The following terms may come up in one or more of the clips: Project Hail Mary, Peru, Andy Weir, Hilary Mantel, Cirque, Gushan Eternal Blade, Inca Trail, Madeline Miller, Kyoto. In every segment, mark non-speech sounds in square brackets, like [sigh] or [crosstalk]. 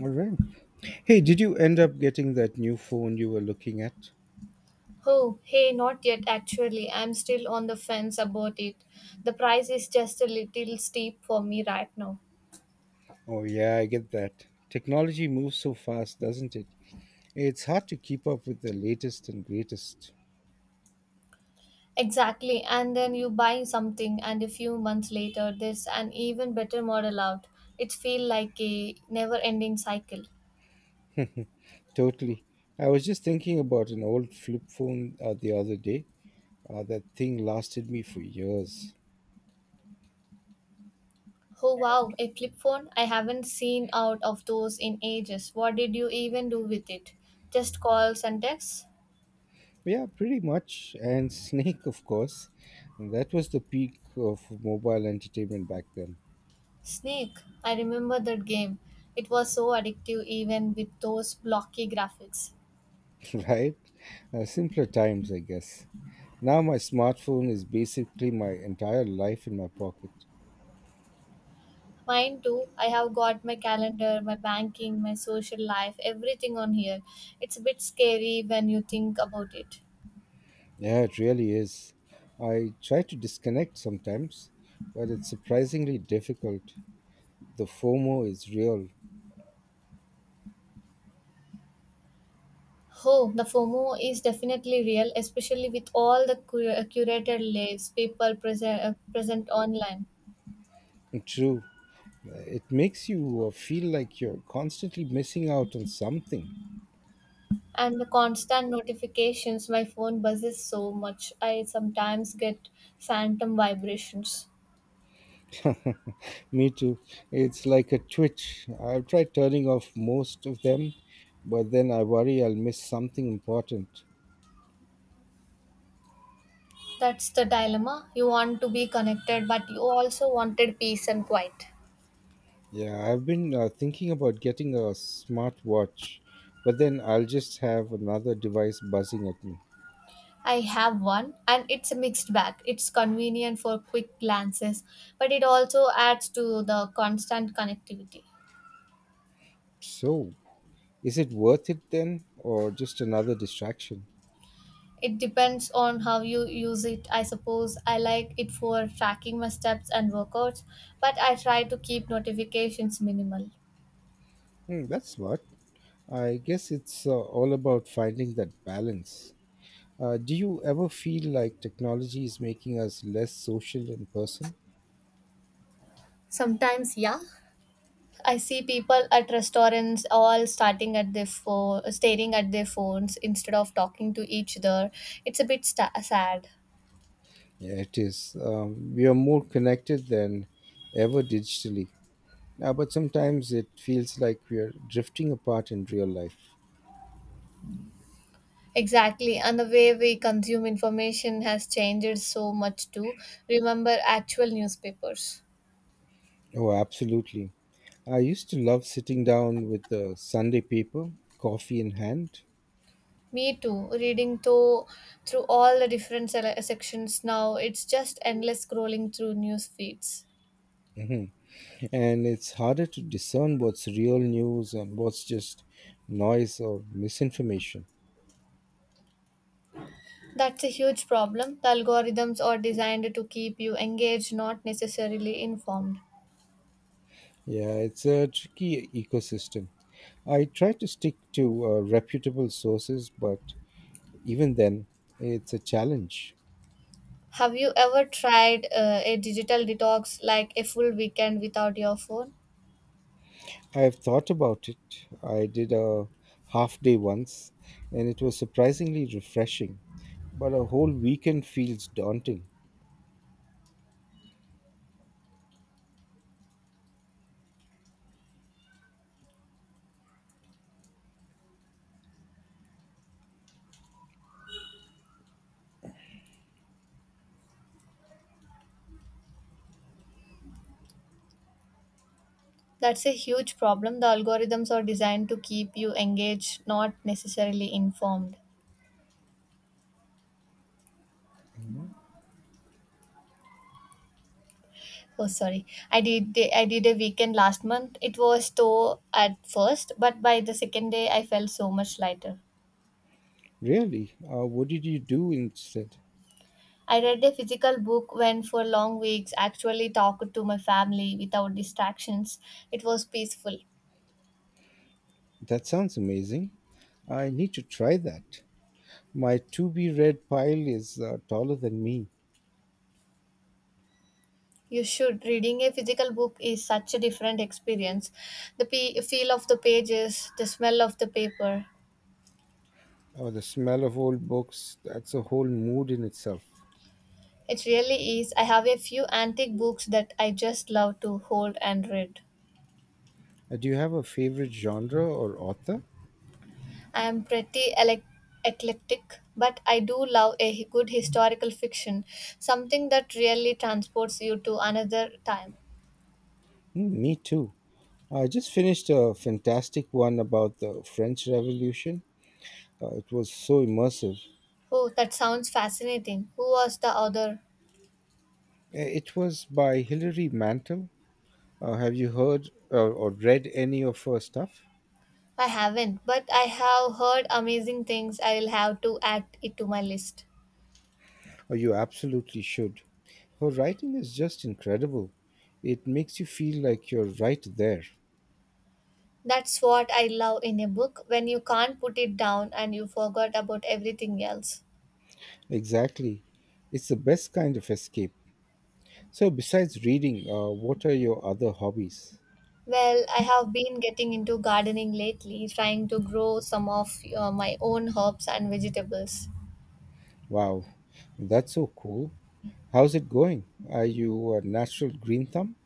All right. Hey, did you end up getting that new phone you were looking at? Oh, hey, not yet actually. I'm still on the fence about it. The price is just a little steep for me right now. Oh, yeah, I get that. Technology moves so fast, doesn't it? It's hard to keep up with the latest and greatest. Exactly, and then you buy something, and a few months later, there's an even better model out. It feels like a never ending cycle. Totally. I was just thinking about an old flip phone the other day. That thing lasted me for years. Oh wow, a flip phone? I haven't seen out of those in ages. What did you even do with it? Just calls and texts? Yeah, pretty much. And [laughs] Snake, of course. That was the peak of mobile entertainment back then. Snake, I remember that game. It was so addictive even with those blocky graphics. [laughs] Right? Simpler times, I guess. Now my smartphone is basically my entire life in my pocket. Mine too. I have got my calendar, my banking, my social life, everything on here. It's a bit scary when you think about it. Yeah, it really is. I try to disconnect sometimes, but it's surprisingly difficult. The FOMO is real Oh, the FOMO is definitely real, especially with all the curated lives people present online and true. It makes you feel like you're constantly missing out on something. and the constant notifications. My phone buzzes so much. I sometimes get phantom vibrations. Me too. It's like a twitch. I've tried turning off most of them, but then I worry I'll miss something important. That's the dilemma. You want to be connected, but you also wanted peace and quiet. Yeah, I've been thinking about getting a smartwatch, but then I'll just have another device buzzing at me. I have one, and it's a mixed bag. It's convenient for quick glances, but it also adds to the constant connectivity. So, is it worth it then, or just another distraction? It depends on how you use it. I suppose I like it for tracking my steps and workouts, but I try to keep notifications minimal. Hmm, that's smart. I guess it's all about finding that balance. Do you ever feel like technology is making us less social in person? Sometimes, yeah, I see people at restaurants all starting at their phone, staring at their phones instead of talking to each other. It's a bit sta sad. Yeah, it is. We are more connected than ever digitally. But sometimes it feels like we are drifting apart in real life. Exactly, and the way we consume information has changed so much too. Remember actual newspapers. Oh, absolutely. I used to love sitting down with the Sunday paper, coffee in hand. Me too. Reading to through all the different sections now, it's just endless scrolling through news feeds. Mhm. And it's harder to discern what's real news and what's just noise or misinformation. That's a huge problem. The algorithms are designed to keep you engaged, not necessarily informed. Yeah, it's a tricky ecosystem. I try to stick to reputable sources, but even then, it's a challenge. Have you ever tried a digital detox, like a full weekend without your phone? I've thought about it. I did a half day once, and it was surprisingly refreshing, but a whole weekend feels daunting. That's a huge problem. The algorithms are designed to keep you engaged, not necessarily informed. Mhm. Oh, sorry. I did a weekend last month. It was tough at first, but by the second day, I felt so much lighter. Really? What did you do instead? I read a physical book when for long weeks actually talked to my family without distractions. It was peaceful. That sounds amazing. I need to try that. My to be read pile is taller than me. You should. Reading a physical book is such a different experience. The feel of the pages, the smell of the paper, Oh, the smell of old books, that's a whole mood in itself. it really is. I have a few antique books that I just love to hold and read. Do you have a favorite genre or author? I am pretty elec eclectic, but I do love a good historical fiction, something that really transports you to another time. Mm, me too. I just finished a fantastic one about the French Revolution. It was so immersive. Oh, that sounds fascinating. Who was the author? It was by Hilary Mantel. Have you heard or read any of her stuff? I haven't, but I have heard amazing things. I will have to add it to my list. Oh, you absolutely should. Her writing is just incredible. It makes you feel like you're right there. That's what I love in a book when you can't put it down and you forgot about everything else. Exactly. It's the best kind of escape. So, besides reading, what are your other hobbies? Well, I have been getting into gardening lately, trying to grow some of my own herbs and vegetables. Wow, that's so cool. How's it going? Are you a natural green thumb?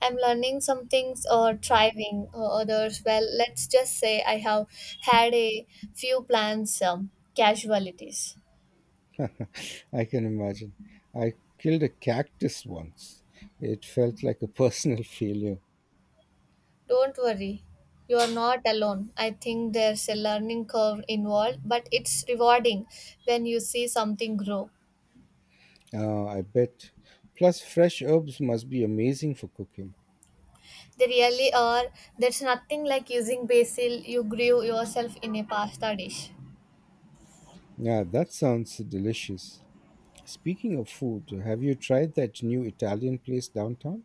I'm learning some things or thriving others. Well, let's just say I have had a few plants casualties. [laughs] I can imagine. I killed a cactus once. It felt like a personal [laughs] failure. Don't worry, you are not alone. I think there's a learning curve involved, but it's rewarding when you see something grow. Ah, I bet. Plus, fresh herbs must be amazing for cooking. They really are. There's nothing like using basil you grew yourself in a pasta dish. Yeah, that sounds delicious. Speaking of food, have you tried that new Italian place downtown?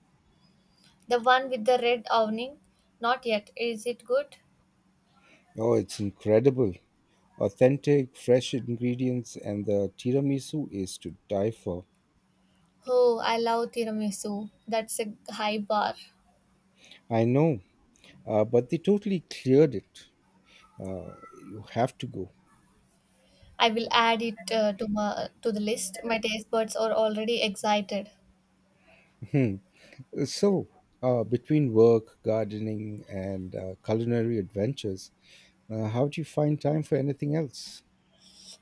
The one with the red awning? Not yet. Is it good? Oh, it's incredible. Authentic, fresh ingredients, and the tiramisu is to die for. Oh, I love tiramisu. That's a high bar. I know, but they totally cleared it. You have to go. I will add it to the list. My taste buds are already excited. [laughs] So, between work, gardening, and culinary adventures, how do you find time for anything else?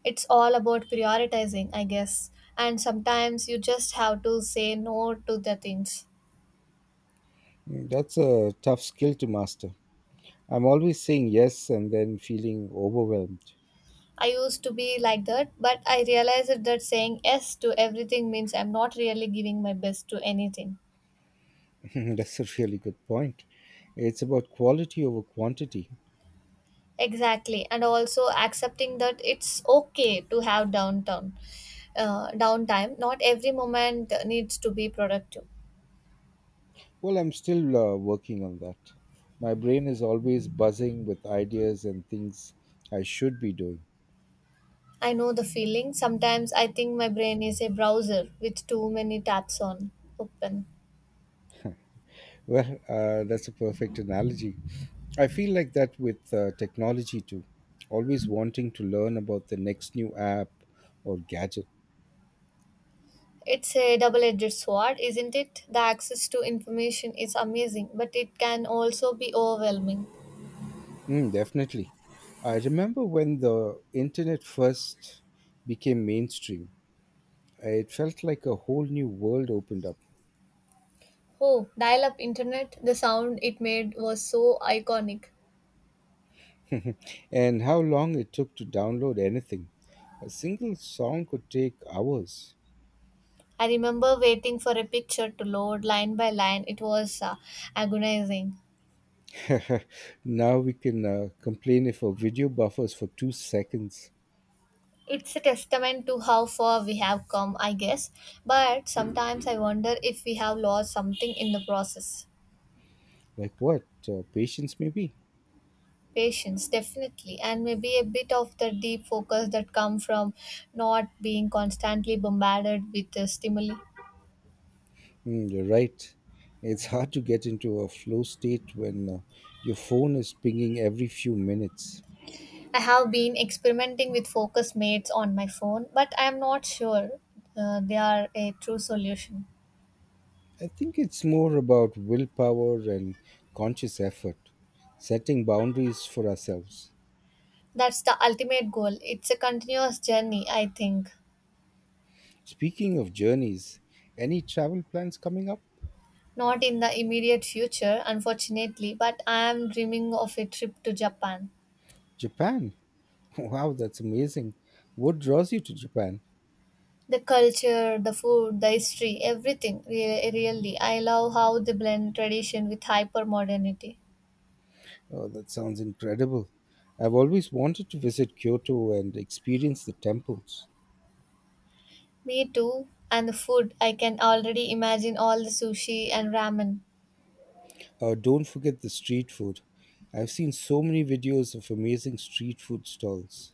It's all about prioritizing, I guess. And sometimes you just have to say no to the things. Mm, that's a tough skill to master. I'm always saying yes and then feeling overwhelmed. I used to be like that, but I realized that saying yes to everything means I'm not really giving my best to anything. [laughs] That's a really good point. It's about quality over quantity. Exactly, and also accepting that it's okay to have downtime. Not every moment needs to be productive. Well, I'm still working on that. My brain is always buzzing with ideas and things I should be doing. I know the feeling. Sometimes I think my brain is a browser with too many tabs on open. Well, that's a perfect analogy. I feel like that with technology too. Always wanting to learn about the next new app or gadget. It's a double-edged sword, isn't it? The access to information is amazing, but it can also be overwhelming. Mm, definitely. I remember when the internet first became mainstream, it felt like a whole new world opened up. Oh, dial-up internet! The sound it made was so iconic. [laughs] And how long it took to download anything. A single song could take hours. I remember waiting for a picture to load line by line. It was agonizing. [laughs] Now we can complain if a video buffers for 2 seconds. It's a testament to how far we have come, I guess. But sometimes I wonder if we have lost something in the process. Like what, patience maybe? Patience, definitely, and maybe a bit of the deep focus that come from not being constantly bombarded with stimuli. Mm, you're right. It's hard to get into a flow state when your phone is pinging every few minutes. I have been experimenting with focus mates on my phone, but I am not sure they are a true solution. I think it's more about willpower and conscious effort, setting boundaries for ourselves. That's the ultimate goal. It's a continuous journey, I think. Speaking of journeys, any travel plans coming up? Not in the immediate future, unfortunately, but I am dreaming of a trip to Japan. Japan? [laughs] Wow, that's amazing. What draws you to Japan? The culture, the food, the history, everything, really. I love how they blend tradition with hyper modernity. Oh, that sounds incredible. I've always wanted to visit Kyoto and experience the temples. Me too. And the food, I can already imagine all the sushi and ramen. Don't forget the street food. I've seen so many videos of amazing street food stalls.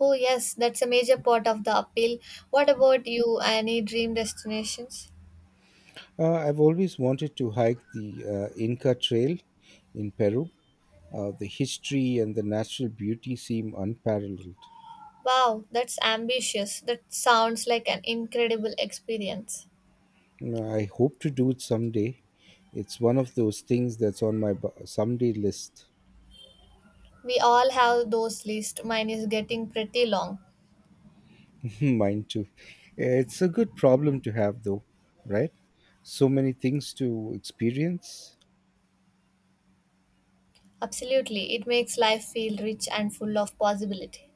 Oh, yes, that's a major part of the appeal. What about you? Any dream destinations? I've always wanted to hike the Inca Trail in Peru. The history and the natural beauty seem unparalleled. Wow, that's ambitious. That sounds like an incredible experience. And I hope to do it someday. It's one of those things that's on my someday list. We all have those lists. Mine is getting pretty long. [laughs] Mine too. It's a good problem to have, though, right? So many things to experience. Absolutely, it makes life feel rich and full of possibility.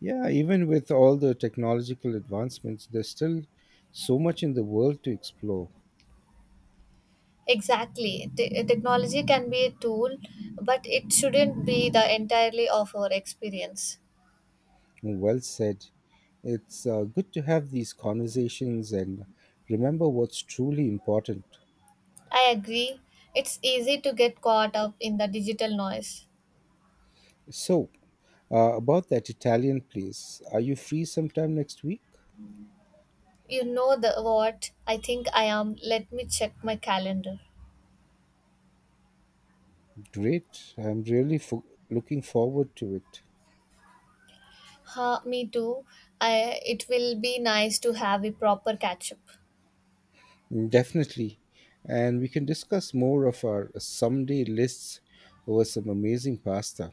Yeah, even with all the technological advancements, there's still so much in the world to explore. Exactly. Technology can be a tool, but it shouldn't be the entirely of our experience. Well said. It's good to have these conversations and remember what's truly important. I agree. It's easy to get caught up in the digital noise. So, about that Italian place, are you free sometime next week? You know the what? I think I am. Let me check my calendar. Great. I'm really looking forward to it. Huh, me too. I, it will be nice to have a proper catch up. Definitely. And we can discuss more of our someday lists over some amazing pasta.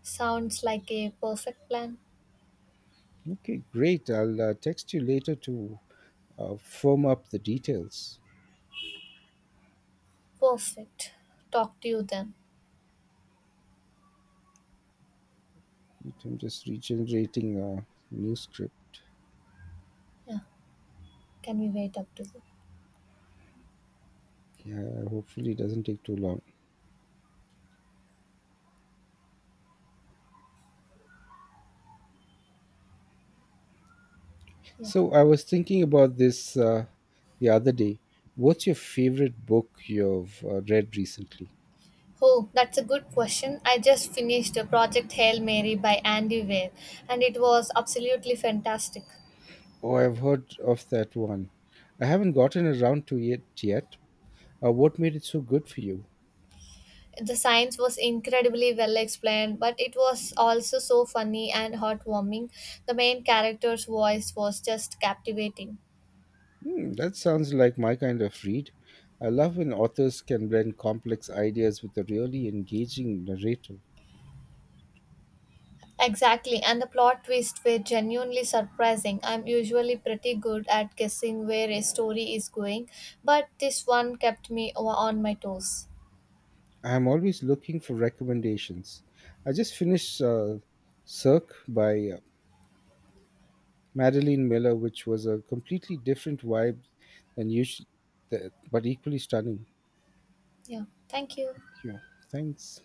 Sounds like a perfect plan. Okay, great. I'll text you later to firm up the details. Perfect. Talk to you then. I'm just regenerating a new script. Yeah. Can we wait up to the Yeah, hopefully it doesn't take too long. yeah. So I was thinking about this the other day. What's your favorite book you've read recently? Oh, that's a good question. I just finished the Project Hail Mary by Andy Weir and it was absolutely fantastic. Oh, I've heard of that one. I haven't gotten around to it yet. What made it so good for you? The science was incredibly well explained, but it was also so funny and heartwarming. The main character's voice was just captivating. Hmm, that sounds like my kind of read. I love when authors can blend complex ideas with a really engaging narrative. Exactly, and the plot twists were genuinely surprising. I'm usually pretty good at guessing where a story is going, but this one kept me on my toes. I'm always looking for recommendations. I just finished Cirque by Madeline Miller, which was a completely different vibe than usual, but equally stunning. Yeah, thank you. Thank you. Thanks.